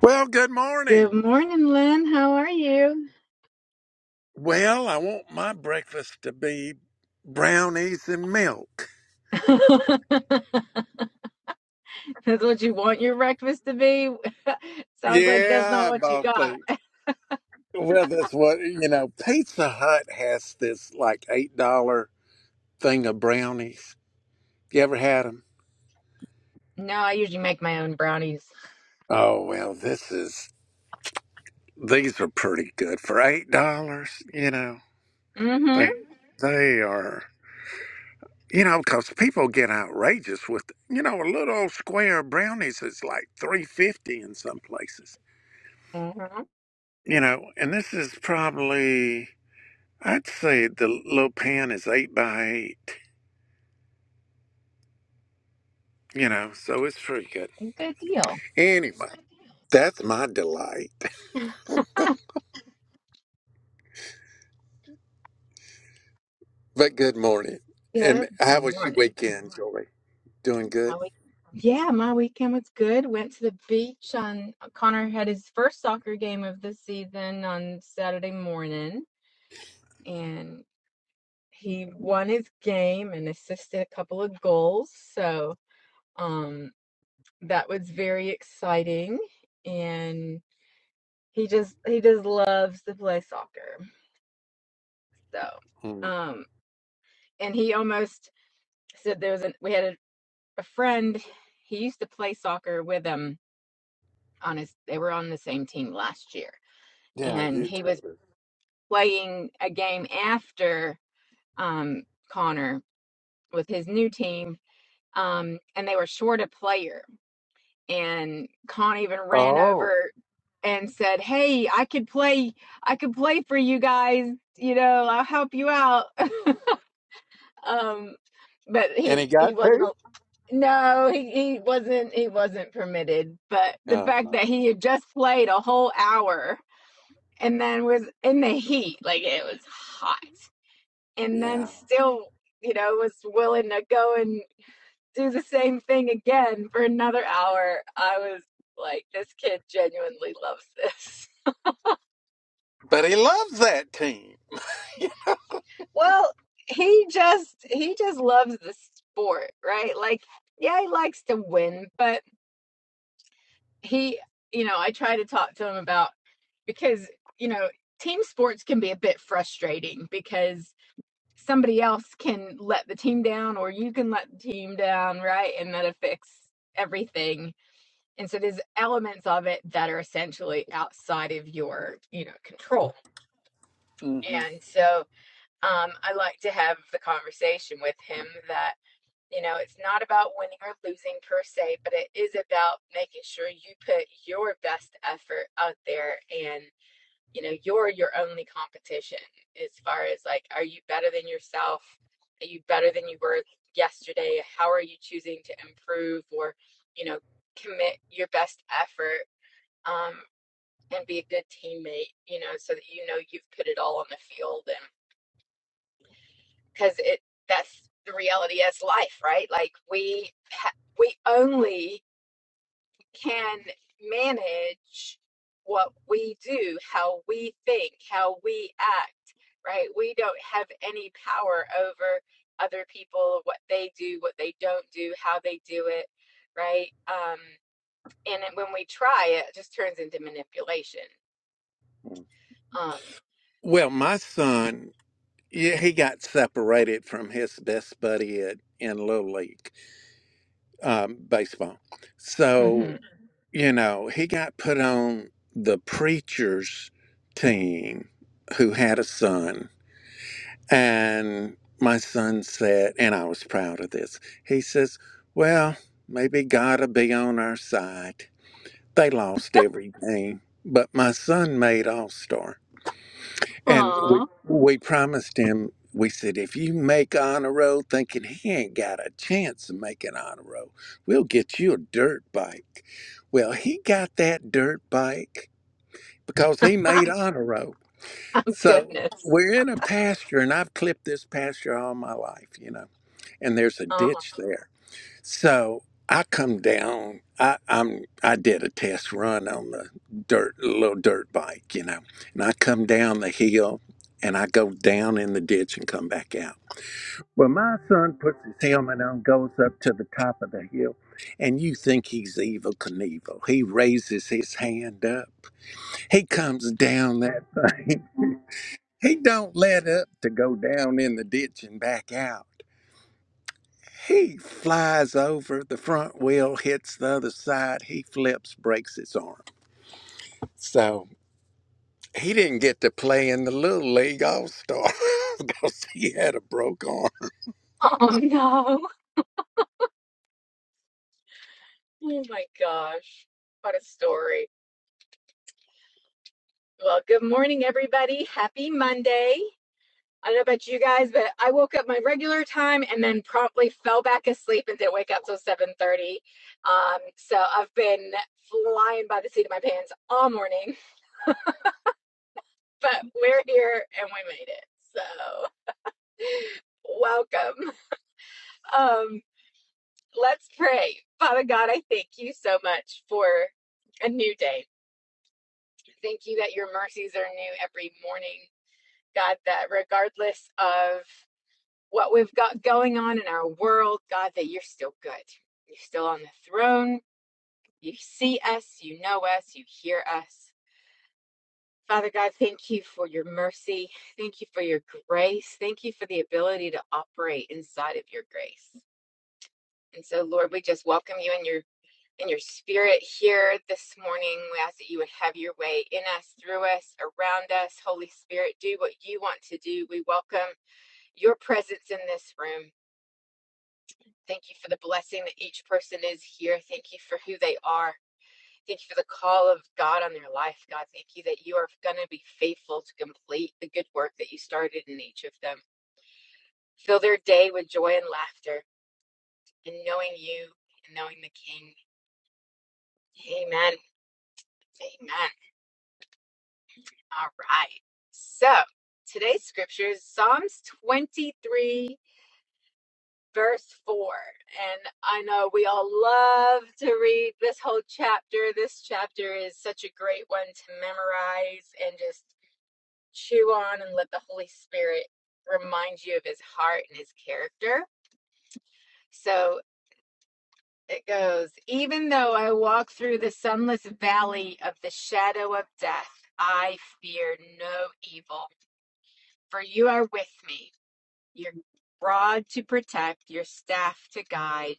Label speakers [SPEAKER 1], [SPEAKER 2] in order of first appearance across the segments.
[SPEAKER 1] Well, good
[SPEAKER 2] Good
[SPEAKER 1] morning.
[SPEAKER 2] morning, Lynn. How are you?
[SPEAKER 1] Well, I want my breakfast to be brownies and milk.
[SPEAKER 2] that's what you want your breakfast to be? Sounds like that's not
[SPEAKER 1] Yeah, I
[SPEAKER 2] what you
[SPEAKER 1] bought
[SPEAKER 2] got.
[SPEAKER 1] the well, that's what you know. Pizza Hut has this like eight dollar thing of brownies. You ever had them?
[SPEAKER 2] No, I usually make my own brownies.
[SPEAKER 1] Oh well, this is these are pretty good for eight dollars. You know,
[SPEAKER 2] Mm
[SPEAKER 1] they they are. You know, because people get outrageous with you know a little old square of brownies is like three fifty in some places.
[SPEAKER 2] hmm. Mm-hmm.
[SPEAKER 1] you know, and this is probably, I'd say the little pan is eight by eight, you know, so it's pretty good.
[SPEAKER 2] Good deal.
[SPEAKER 1] Anyway, that's my delight. But good morning. And
[SPEAKER 2] good
[SPEAKER 1] how was your
[SPEAKER 2] morning.
[SPEAKER 1] weekend, Joy? Doing good?
[SPEAKER 2] How we- yeah, my weekend was good. Went to the beach on Connor had his first soccer game of the season on Saturday morning and he won his game and assisted a couple of goals. So um that was very exciting and he just he just loves to play soccer so
[SPEAKER 1] Mm.
[SPEAKER 2] um and he almost said there was an we had a, a friend he used to play soccer with him on his they were on the same team last year
[SPEAKER 1] Yeah,
[SPEAKER 2] and
[SPEAKER 1] you
[SPEAKER 2] he was
[SPEAKER 1] too.
[SPEAKER 2] playing a game after um connor with his new team um and they were short a player and Con even ran
[SPEAKER 1] Oh,
[SPEAKER 2] over and said, "Hey, I could play. I could play for you guys. You know, I'll help you out." um, but
[SPEAKER 1] and he
[SPEAKER 2] he he
[SPEAKER 1] got
[SPEAKER 2] wasn't.
[SPEAKER 1] two?
[SPEAKER 2] al- No, he he wasn't. He wasn't permitted. But the
[SPEAKER 1] Oh,
[SPEAKER 2] fact that he had just played a whole hour and then was in the heat, like it was hot, and then
[SPEAKER 1] yeah.
[SPEAKER 2] still, you know, was willing to go and do the same thing again for another hour. I was like, this kid genuinely loves this.
[SPEAKER 1] But he loves that team.
[SPEAKER 2] Well, he just he just loves the sport, right? Like, yeah, he likes to win, but he, you know, I try to talk to him about because, you know, team sports can be a bit frustrating because somebody else can let the team down or you can let the team down, right? And that affects everything And so there's elements of it that are essentially outside of your, you know, control.
[SPEAKER 1] hmm
[SPEAKER 2] And so um, I like to have the conversation with him that, you know, it's not about winning or losing per se, but it is about making sure you put your best effort out there and, you know, you're your only competition as far as like, are you better than yourself? Are you better than you were yesterday? How are you choosing to improve or, you know, commit your best effort um, and be a good teammate, you know, so that you know you've put it all on the field and cuz it that's the reality as life, right? Like we ha- we only can manage what we do, how we think, how we act, right? We don't have any power over other people, what they do, what they don't do, how they do it, right? Um and when we try it, just turns into manipulation. Um,
[SPEAKER 1] Well, my son, yeah, he got separated from his best buddy at, in Little League um, baseball. So, you know, he got put on the preacher's team who had a son. And my son said, and I was proud of this, he says, Well, maybe God'll be on our side. They lost every game, but my son made All Star. And
[SPEAKER 2] mhm.
[SPEAKER 1] we we promised him. We said, if you make honor roll, thinking he ain't got a chance of making honor roll, we'll get you a dirt bike. Well, he got that dirt bike because he made honor roll. So
[SPEAKER 2] Goodness.
[SPEAKER 1] we're in a pasture, and I've clipped this pasture all my life, you know. And there's a
[SPEAKER 2] Uh-huh.
[SPEAKER 1] ditch there so I come down. I, I'm I did a test run on the dirt little dirt bike, you know, and I come down the hill and I go down in the ditch and come back out. Well, my son puts his helmet on, goes up to the top of the hill, and you think he's evil Knievel. He raises his hand up. He comes down that thing. He don't let up to go down in the ditch and back out. He flies over, the front wheel hits the other side, he flips, breaks his arm. So he didn't get to play in the Little League All Star because he had a broke arm.
[SPEAKER 2] Oh no. Oh my gosh. What a story. Well, good morning, everybody. Happy Monday. I don't know about you guys, but I woke up my regular time and then promptly fell back asleep and didn't wake up till 7:30. Um, so I've been flying by the seat of my pants all morning, but we're here and we made it. So welcome. Um, let's pray. Father God, I thank you so much for a new day. Thank you that your mercies are new every morning, God, that regardless of what we've got going on in our world, God, that you're still good. You're still on the throne. You see us, you know us, you hear us. Father God, thank you for your mercy. Thank you for your grace. Thank you for the ability to operate inside of your grace. And so, Lord, we just welcome you in your in your spirit here this morning. We ask that you would have your way in us, through us, around us. Holy Spirit, do what you want to do. We welcome your presence in this room. Thank you for the blessing that each person is here. Thank you for who they are. Thank you for the call of God on their life, God. Thank you that you are going to be faithful to complete the good work that you started in each of them. Fill their day with joy and laughter and knowing you and knowing the King. Amen. Amen. All right. So today's scripture is Psalms 23, verse 4. And I know we all love to read this whole chapter. This chapter is such a great one to memorize and just chew on and let the Holy Spirit remind you of his heart and his character. So it goes, even though I walk through the sunless valley of the shadow of death, I fear no evil, for you are with me your rod to protect, your staff to guide.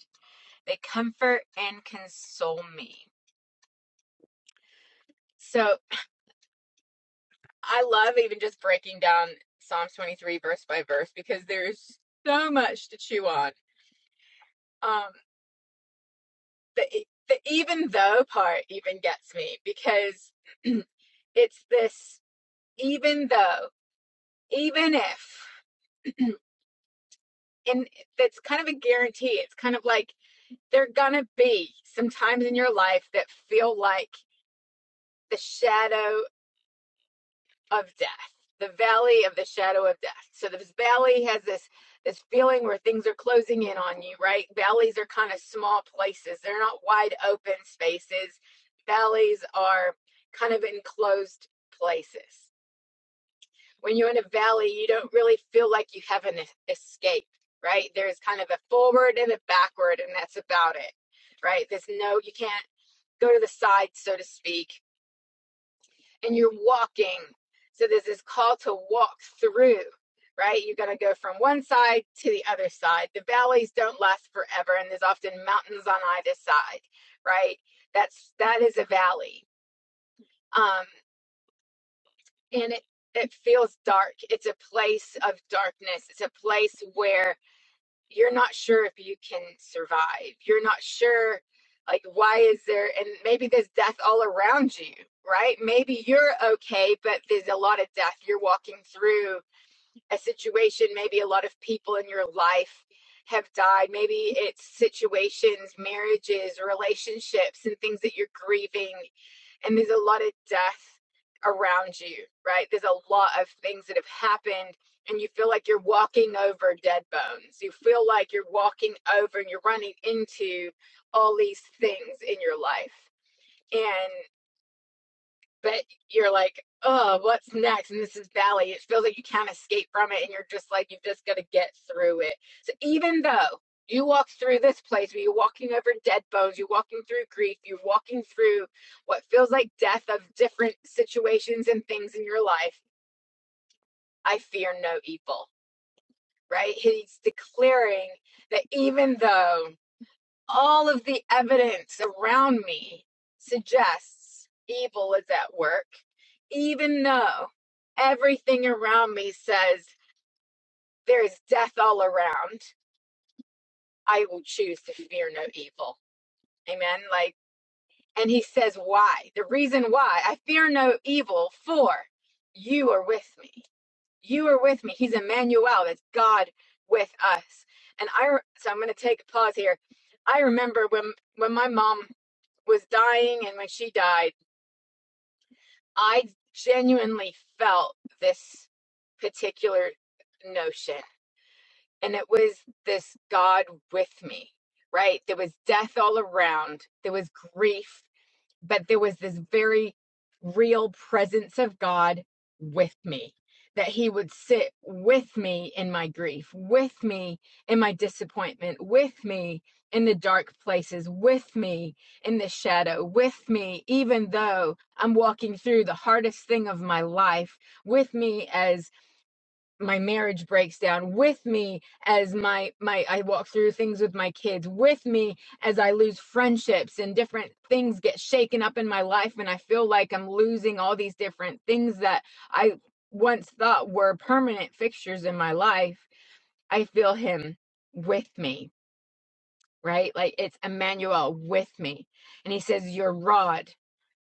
[SPEAKER 2] They comfort and console me. So I love even just breaking down Psalms 23 verse by verse because there's so much to chew on. Um, the, the even though part even gets me because it's this even though, even if, and that's kind of a guarantee. It's kind of like there are gonna be some times in your life that feel like the shadow of death the valley of the shadow of death so this valley has this this feeling where things are closing in on you right valleys are kind of small places they're not wide open spaces valleys are kind of enclosed places when you're in a valley you don't really feel like you have an escape right there's kind of a forward and a backward and that's about it right there's no you can't go to the side so to speak and you're walking. So there's this call to walk through, right? You're going to go from one side to the other side. The valleys don't last forever, and there's often mountains on either side, right? That's that is a valley, um, and it it feels dark. It's a place of darkness. It's a place where you're not sure if you can survive. You're not sure, like, why is there, and maybe there's death all around you, right? Maybe you're okay, but there's a lot of death. You're walking through a situation, maybe a lot of people in your life have died. Maybe it's situations, marriages, relationships, and things that you're grieving and there's a lot of death around you, right? There's a lot of things that have happened, and you feel like you're walking over dead bones. You feel like you're walking over and you're running into all these things in your life. and but you're like, oh, what's next? And this is valley. It feels like you can't escape from it, and you're just like, you've just got to get through it. So even though you walk through this place where you're walking over dead bones, you're walking through grief, you're walking through what feels like death of different situations and things in your life, I fear no evil, right? He's declaring that even though all of the evidence around me suggests evil is at work, even though everything around me says there is death all around, I will choose to fear no evil. Amen. Like, and he says, why? The reason why I fear no evil, for you are with me. You are with me. He's Emmanuel. That's God with us. And I, re- so I'm going to take a pause here. I remember when when my mom was dying and when she died, I genuinely felt this particular notion. And it was this God with me, right? There was death all around, there was grief, but there was this very real presence of God with me, that He would sit with me in my grief, with me in my disappointment, with me in the dark places, with me in the shadow, with me, even though I'm walking through the hardest thing of my life, with me as my marriage breaks down with me as my my I walk through things with my kids with me as I lose friendships and different things get shaken up in my life and I feel like I'm losing all these different things that I once thought were permanent fixtures in my life I feel him with me right? Like it's Emmanuel with me. And he says, Your rod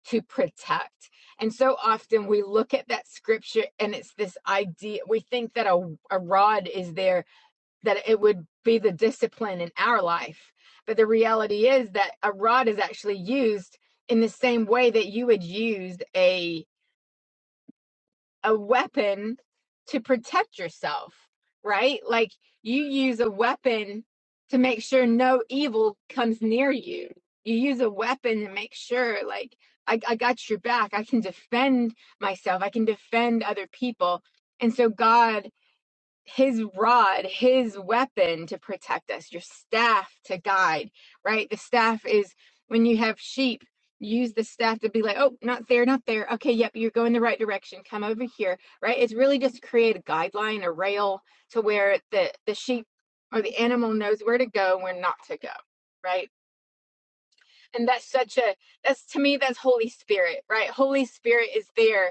[SPEAKER 2] to protect. And so often we look at that scripture and it's this idea, we think that a, a rod is there, that it would be the discipline in our life. But the reality is that a rod is actually used in the same way that you would use a a weapon to protect yourself, right? Like you use a weapon to make sure no evil comes near you. You use a weapon to make sure, like, I, I got your back. I can defend myself. I can defend other people. And so God his rod, his weapon to protect us, your staff to guide, right? The staff is when you have sheep, use the staff to be like, oh, not there, not there. Okay, yep, you're going the right direction. Come over here, right? It's really just create a guideline, a rail to where the, the sheep or the animal knows where to go, where not to go, right? And that's such a, that's to me, that's Holy Spirit, right? Holy Spirit is there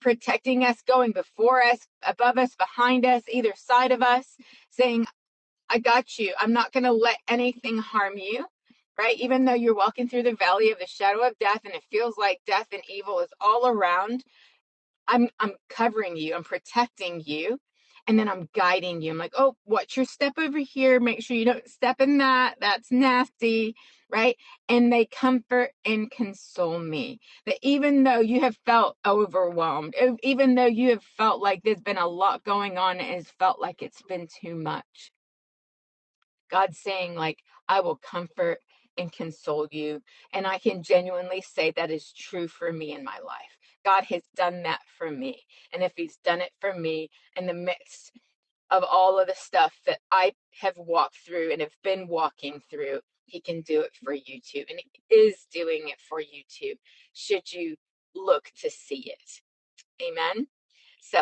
[SPEAKER 2] protecting us, going before us, above us, behind us, either side of us, saying, I got you. I'm not going to let anything harm you, right? Even though you're walking through the valley of the shadow of death and it feels like death and evil is all around, I'm I'm covering you, I'm protecting you, and then I'm guiding you. I'm like, oh, watch your step over here. Make sure you don't step in that. That's nasty, right? And they comfort and console me. That even though you have felt overwhelmed, e- even though you have felt like there's been a lot going on, and it's felt like it's been too much God's saying, like, I will comfort and console you. And I can genuinely say that is true for me in my life. God has done that for me. And if He's done it for me in the midst of all of the stuff that I have walked through and have been walking through, He can do it for you too. And He is doing it for you too, should you look to see it. Amen. So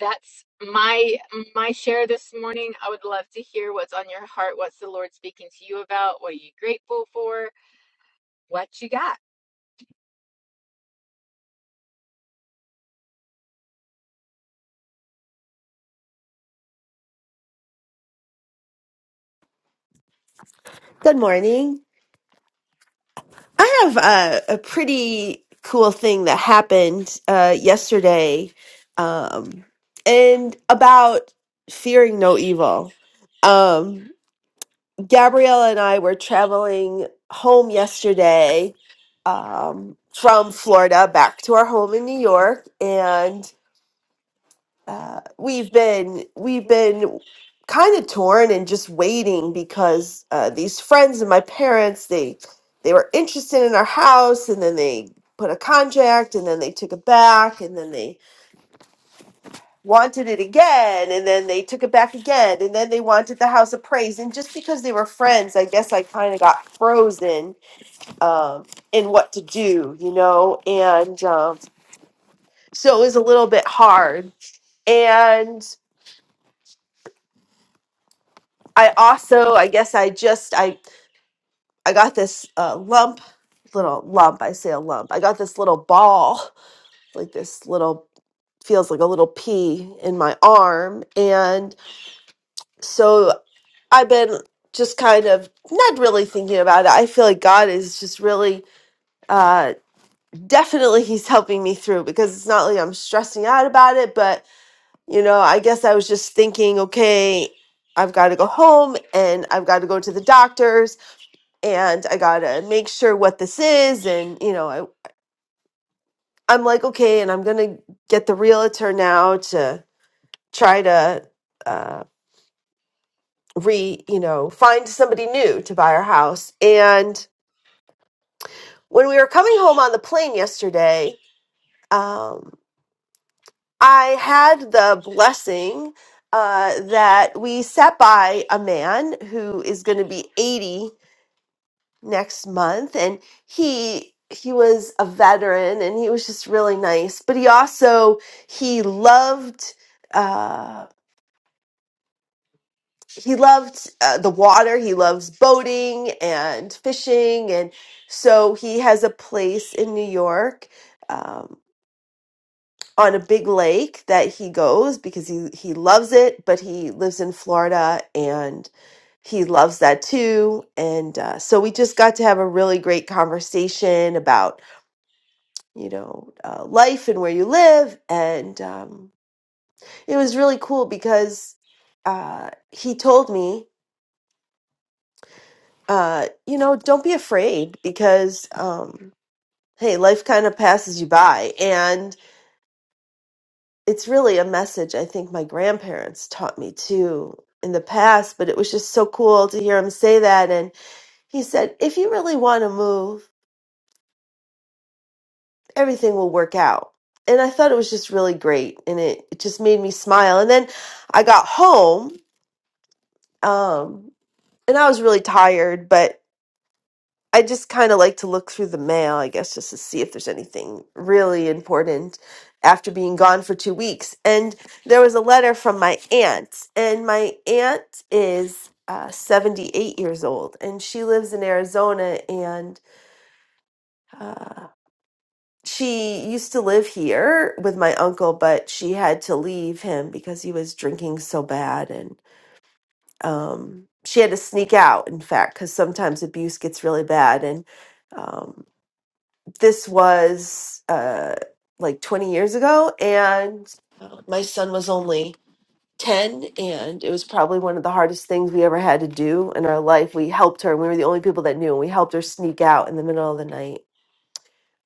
[SPEAKER 2] that's my my share this morning. I would love to hear what's on your heart, what's the Lord speaking to you about, what are you grateful for, what you got.
[SPEAKER 3] Good morning. I have a, a pretty cool thing that happened uh, yesterday, um, and about fearing no evil. Um, Gabriella and I were traveling home yesterday um, from Florida back to our home in New York, uh, we've been we've been kind of torn and just waiting because uh, these friends and my parents they they were interested in our house and then they put a contract and then they took it back and then they wanted it again and then they took it back again and then they wanted the house appraised and just because they were friends i guess i kind of got frozen um, in what to do you know and um, so it was a little bit hard and. I also, I guess I just, I, I got this uh, lump, little lump. I say a lump. I got this little ball, like this little, feels like a little pea in my arm. And so I've been just kind of not really thinking about it. I feel like God is just really, uh, definitely He's helping me through because it's not like I'm stressing out about it, but, you know, I guess I was just thinking, okay, I've got to go home and I've got to go to the doctor's and I gotta make sure what this is. And you know, I I'm like okay, and I'm gonna get the realtor now to try to uh, re you know find somebody new to buy our house. And when we were coming home on the plane yesterday, um, I had the blessing. Uh, that we sat by a man who is going to be 80 next month and he he was a veteran and he was just really nice but he also he loved uh he loved uh, the water he loves boating and fishing and so he has a place in new york um on a big lake that he goes because he he loves it but he lives in florida and he loves that too and uh, so we just got to have a really great conversation about you know, uh, life and where you live. And um, it was really cool because uh, he told me, uh, you know, don't be afraid because, um, hey, life kind of passes you by. And it's really a message I think my grandparents taught me too in the past, but it was just so cool to hear him say that. And he said, if you really want to move, everything will work out. And I thought it was just really great. And it, it just made me smile. And then I got home Um, and I was really tired, but I just kind of like to look through the mail, I guess, just to see if there's anything really important after being gone for two weeks. And there was a letter from my aunt, and my aunt is uh, 78 years old, and she lives in Arizona, and uh, she used to live here with my uncle, but she had to leave him because he was drinking so bad, um, she had to sneak out, in fact, because sometimes abuse gets really bad. And um, this was uh, like 20 years ago, and uh, my son was only 10, and it was probably one of the hardest things we ever had to do in our life. We helped her, and we were the only people that knew, and we helped her sneak out in the middle of the night.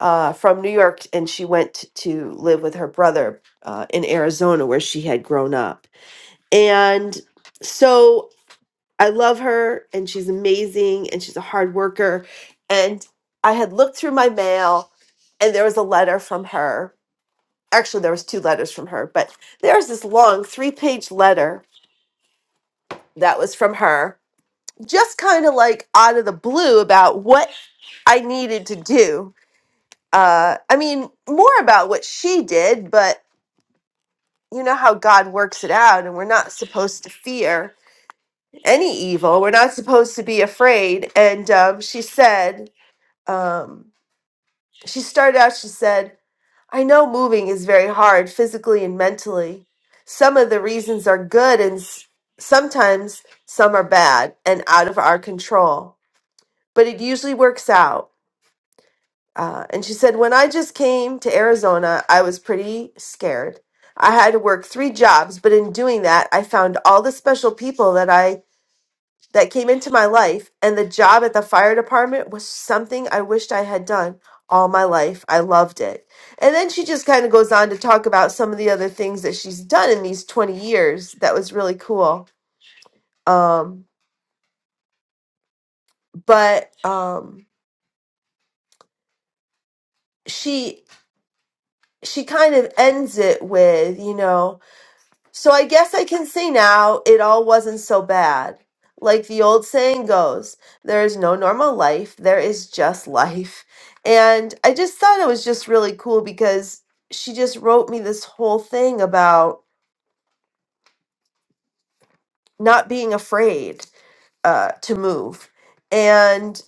[SPEAKER 3] Uh, from New York, and she went to live with her brother uh, in Arizona, where she had grown up. And so I love her and she's amazing and she's a hard worker. And I had looked through my mail and there was a letter from her. Actually, there was two letters from her, but there was this long three-page letter that was from her, just kind of like out of the blue about what I needed to do. Uh, I mean, more about what she did, but you know how God works it out, and we're not supposed to fear any evil. We're not supposed to be afraid. And um, she said, Um, she started out, she said, I know moving is very hard physically and mentally. Some of the reasons are good and s- sometimes some are bad and out of our control, but it usually works out. Uh, and she said, When I just came to Arizona, I was pretty scared. I had to work three jobs, but in doing that, I found all the special people that I that came into my life, and the job at the fire department was something I wished I had done all my life. I loved it. And then she just kind of goes on to talk about some of the other things that she's done in these 20 years. That was really cool. Um, but um, she she kind of ends it with, you know, So I guess I can say now it all wasn't so bad. Like the old saying goes, there is no normal life, there is just life. And I just thought it was just really cool because she just wrote me this whole thing about not being afraid uh, to move. And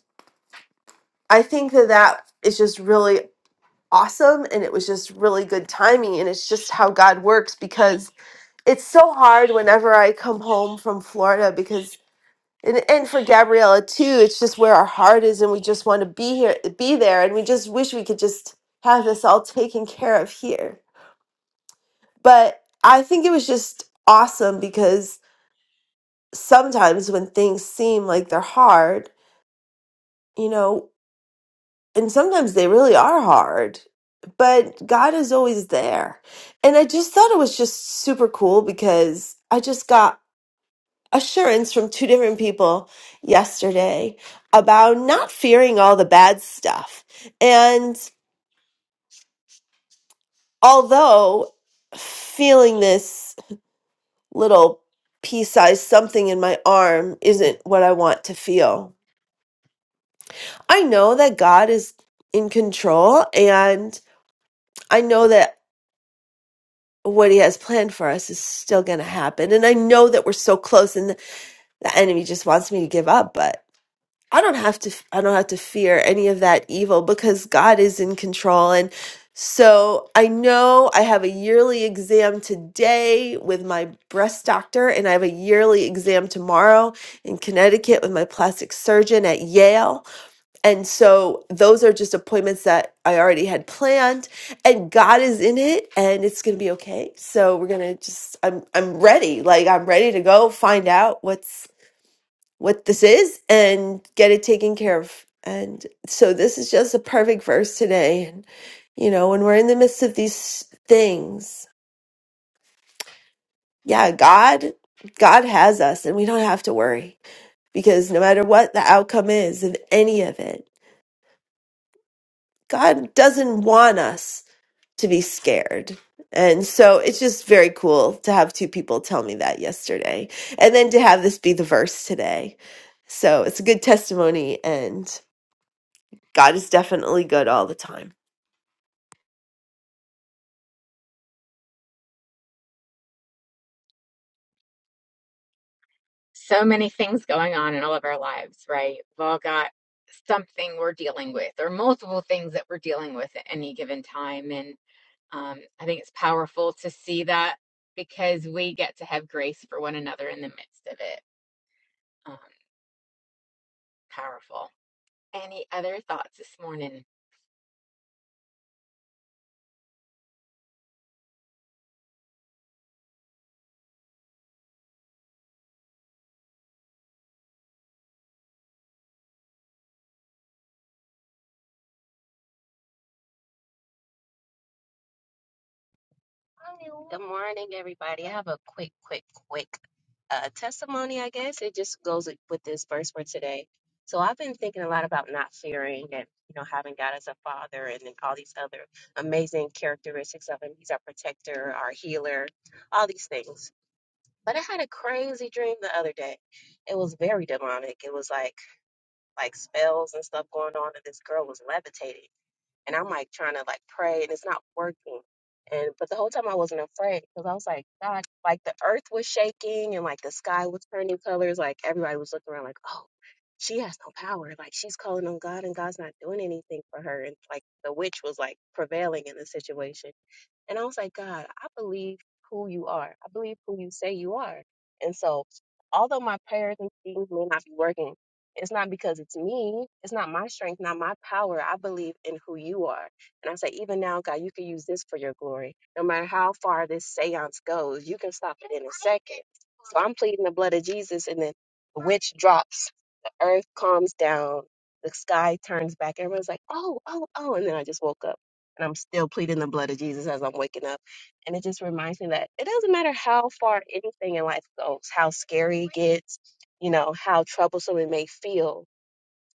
[SPEAKER 3] I think that that is just really awesome. And it was just really good timing. And it's just how God works because it's so hard whenever I come home from Florida because and and for Gabriella too, it's just where our heart is, and we just want to be here, be there, and we just wish we could just have this all taken care of here. But I think it was just awesome because sometimes when things seem like they're hard, you know, and sometimes they really are hard, but God is always there. And I just thought it was just super cool because I just got assurance from two different people yesterday about not fearing all the bad stuff. And although feeling this little pea sized something in my arm isn't what I want to feel, I know that God is in control and I know that what he has planned for us is still going to happen and i know that we're so close and the enemy just wants me to give up but. I don't have to I don't have to fear any of that evil because God is in control and so I know I have a yearly exam today with my breast doctor and I have a yearly exam tomorrow in Connecticut with my plastic surgeon at Yale and so those are just appointments that I already had planned and God is in it and it's going to be okay so we're going to just I'm I'm ready like I'm ready to go find out what's what this is and get it taken care of. And so this is just a perfect verse today. And you know, when we're in the midst of these things, yeah, God God has us and we don't have to worry because no matter what the outcome is of any of it, God doesn't want us to be scared. And so it's just very cool to have two people tell me that yesterday and then to have this be the verse today. So it's a good testimony. And God is definitely good all the time.
[SPEAKER 2] So many things going on in all of our lives, right? We've all got something we're dealing with or multiple things that we're dealing with at any given time and um, I think it's powerful to see that because we get to have grace for one another in the midst of it. Um, powerful. Any other thoughts this morning?
[SPEAKER 4] Good morning, everybody. I have a quick, quick, quick uh, testimony, I guess. It just goes with this verse for today. So I've been thinking a lot about not fearing and, you know, having God as a father and then all these other amazing characteristics of him. He's our protector, our healer, all these things. But I had a crazy dream the other day. It was very demonic. It was like like spells and stuff going on, and this girl was levitating and I'm like trying to like pray and it's not working. And but the whole time I wasn't afraid because I was like, God, like the earth was shaking and like the sky was turning colors. Like everybody was looking around like, oh, she has no power. Like she's calling on God and God's not doing anything for her. And like the witch was like prevailing in the situation. And I was like, God, I believe who you are. I believe who you say you are. And so, although my prayers and things may not be working, it's not because it's me. It's not my strength, not my power. I believe in who you are. And I say, even now, God, you can use this for your glory. No matter how far this seance goes, you can stop it in a second. So I'm pleading the blood of Jesus, and then the witch drops, the earth calms down, the sky turns back. Everyone's like, oh, oh, oh. And then I just woke up and I'm still pleading the blood of Jesus as I'm waking up. And it just reminds me that it doesn't matter how far anything in life goes, how scary it gets, you know, how troublesome it may feel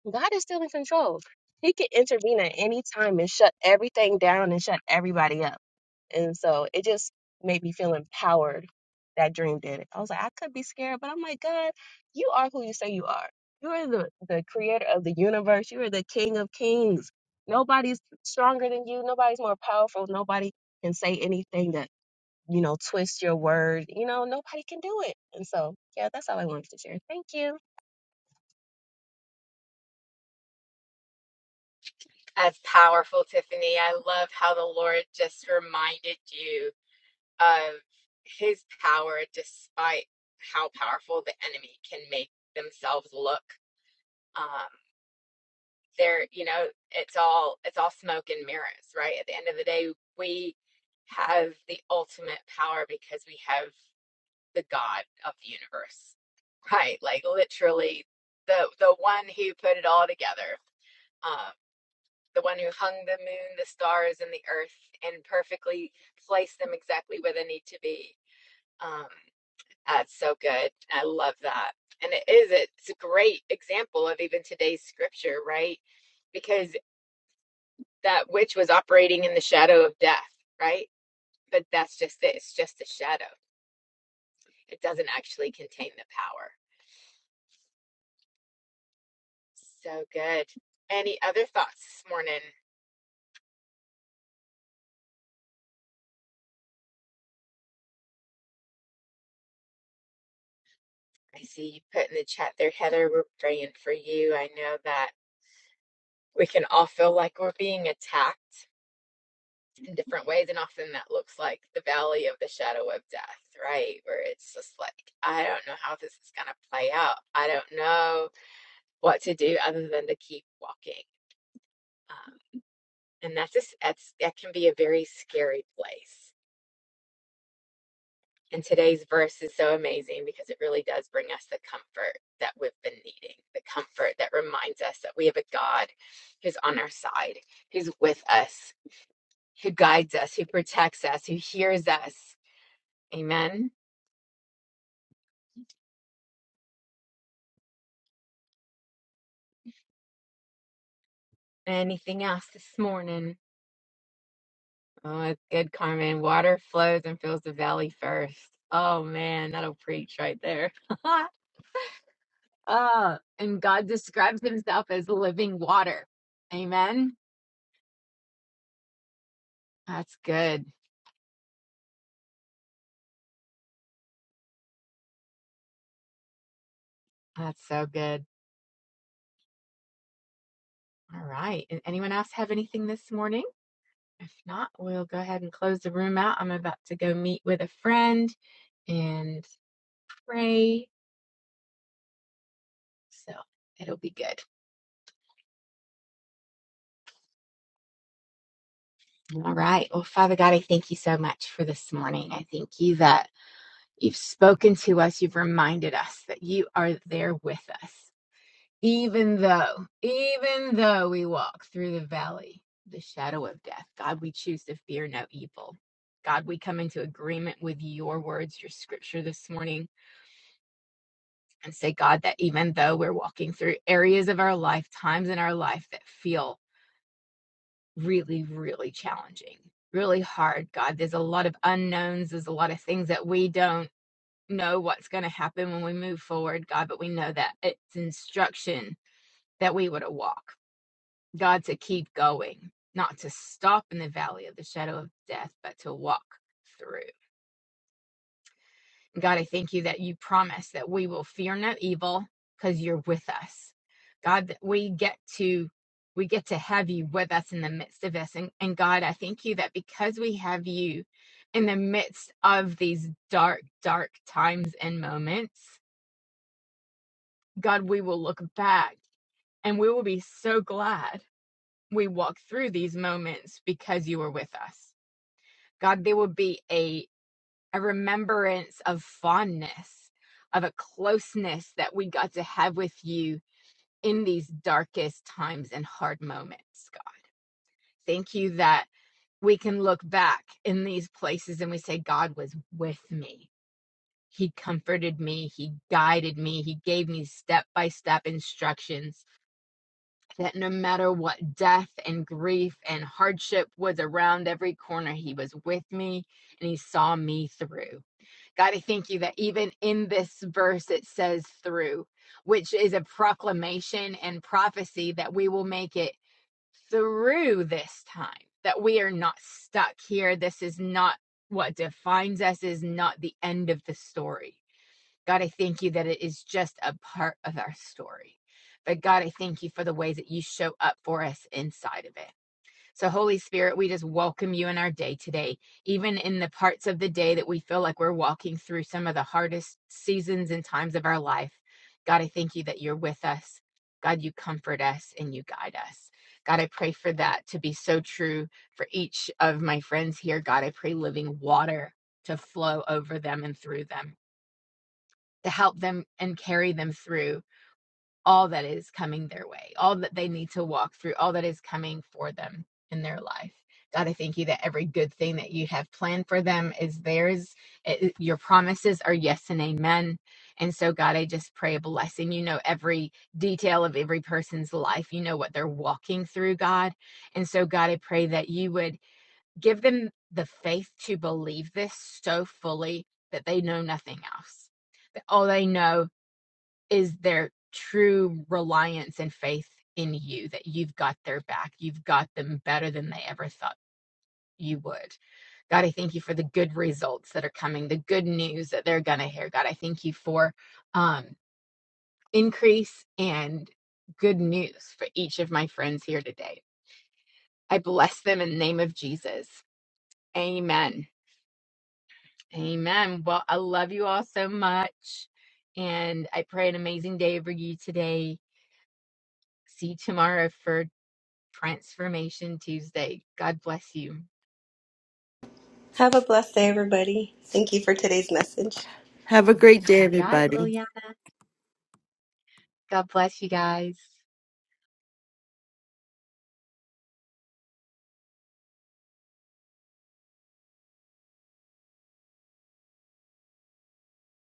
[SPEAKER 4] God is still in control. He can intervene at any time and shut everything down and shut everybody up. And so it just made me feel empowered that dream did it. I was like, I could be scared, but I'm like, God, you are who you say you are. You are the, the creator of the universe. You are the king of kings. Nobody's stronger than you. Nobody's more powerful. Nobody can say anything that, you know, twist your word. You know, nobody can do it. And so, yeah, that's all I wanted to share. Thank you.
[SPEAKER 2] That's powerful, Tiffany. I love how the Lord just reminded you of his power despite how powerful the enemy can make themselves look. Um, there, you know, it's all it's all smoke and mirrors, right? At the end of the day, we have the ultimate power because we have the God of the universe. Right? Like literally the the one who put it all together. Um, the one who hung the moon, the stars, and the earth, and perfectly placed them exactly where they need to be. Um, that's so good. I love that. And it is, it's a great example of even today's scripture, right? Because that witch was operating in the shadow of death, right? But that's just it, it's just a shadow. It doesn't actually contain the power. So good. Any other thoughts this morning? I see you put in the chat there, Heather. We're praying for you. I know that we can all feel like we're being attacked in different ways and often that looks like the valley of the shadow of death right where it's just like i don't know how this is going to play out i don't know what to do other than to keep walking um, and that's just that's that can be a very scary place and today's verse is so amazing because it really does bring us the comfort that we've been needing the comfort that reminds us that we have a god who's on our side who's with us who guides us, who protects us, who hears us. Amen. Anything else this morning? Oh, it's good, Carmen. Water flows and fills the valley first. Oh, man, that'll preach right there. Ah, and God describes himself as living water. Amen. That's good. That's so good. All right. And anyone else have anything this morning? If not, we'll go ahead and close the room out. I'm about to go meet with a friend and pray. So it'll be good. All right. Well, Father God, I thank you so much for this morning. I thank you that you've spoken to us. You've reminded us that you are there with us, even though, even though we walk through the valley, the shadow of death. God, we choose to fear no evil. God, we come into agreement with your words, your scripture this morning, and say, God, that even though we're walking through areas of our life, times in our life that feel really, really challenging, really hard, God. There's a lot of unknowns, there's a lot of things that we don't know what's going to happen when we move forward, God, but we know that it's instruction that we were to walk, God, to keep going, not to stop in the valley of the shadow of death, but to walk through. God, I thank you that you promise that we will fear no evil because you're with us. God, that we get to we get to have you with us in the midst of this. And, and God, I thank you that because we have you in the midst of these dark, dark times and moments, God, we will look back and we will be so glad we walked through these moments because you were with us. God, there will be a. a remembrance of fondness, of a closeness that we got to have with you in these darkest times and hard moments, God. Thank you that we can look back in these places and we say, God was with me. He comforted me. He guided me. He gave me step by step instructions that no matter what death and grief and hardship was around every corner, He was with me and He saw me through. God, I thank you that even in this verse it says through, which is a proclamation and prophecy that we will make it through this time, that we are not stuck here. This is not what defines us, is not the end of the story. God, I thank you that it is just a part of our story. But God, I thank you for the ways that you show up for us inside of it. So, Holy Spirit, we just welcome you in our day today, even in the parts of the day that we feel like we're walking through some of the hardest seasons and times of our life. God, I thank you that you're with us. God, you comfort us and you guide us. God, I pray for that to be so true for each of my friends here. God, I pray living water to flow over them and through them, to help them and carry them through all that is coming their way, all that they need to walk through, all that is coming for them in their life. God, I thank you that every good thing that you have planned for them is theirs. It- your promises are yes and amen. And so, God, I just pray a blessing. You know every detail of every person's life, you know what they're walking through, God. And so, God, I pray that you would give them the faith to believe this so fully that they know nothing else. All they know is their true reliance and faith in you that you've got their back. You've got them better than they ever thought you would. God, I thank you for the good results that are coming, the good news that they're going to hear. God, I thank you for um, increase and good news for each of my friends here today. I bless them in the name of Jesus. Amen. Amen. Well, I love you all so much. And I pray an amazing day for you today. See you tomorrow for Transformation Tuesday. God bless you.
[SPEAKER 5] Have a blessed day, everybody. Thank you for today's message.
[SPEAKER 3] Have a great day,
[SPEAKER 2] You got it,
[SPEAKER 3] everybody.
[SPEAKER 2] Liliana. God bless you guys.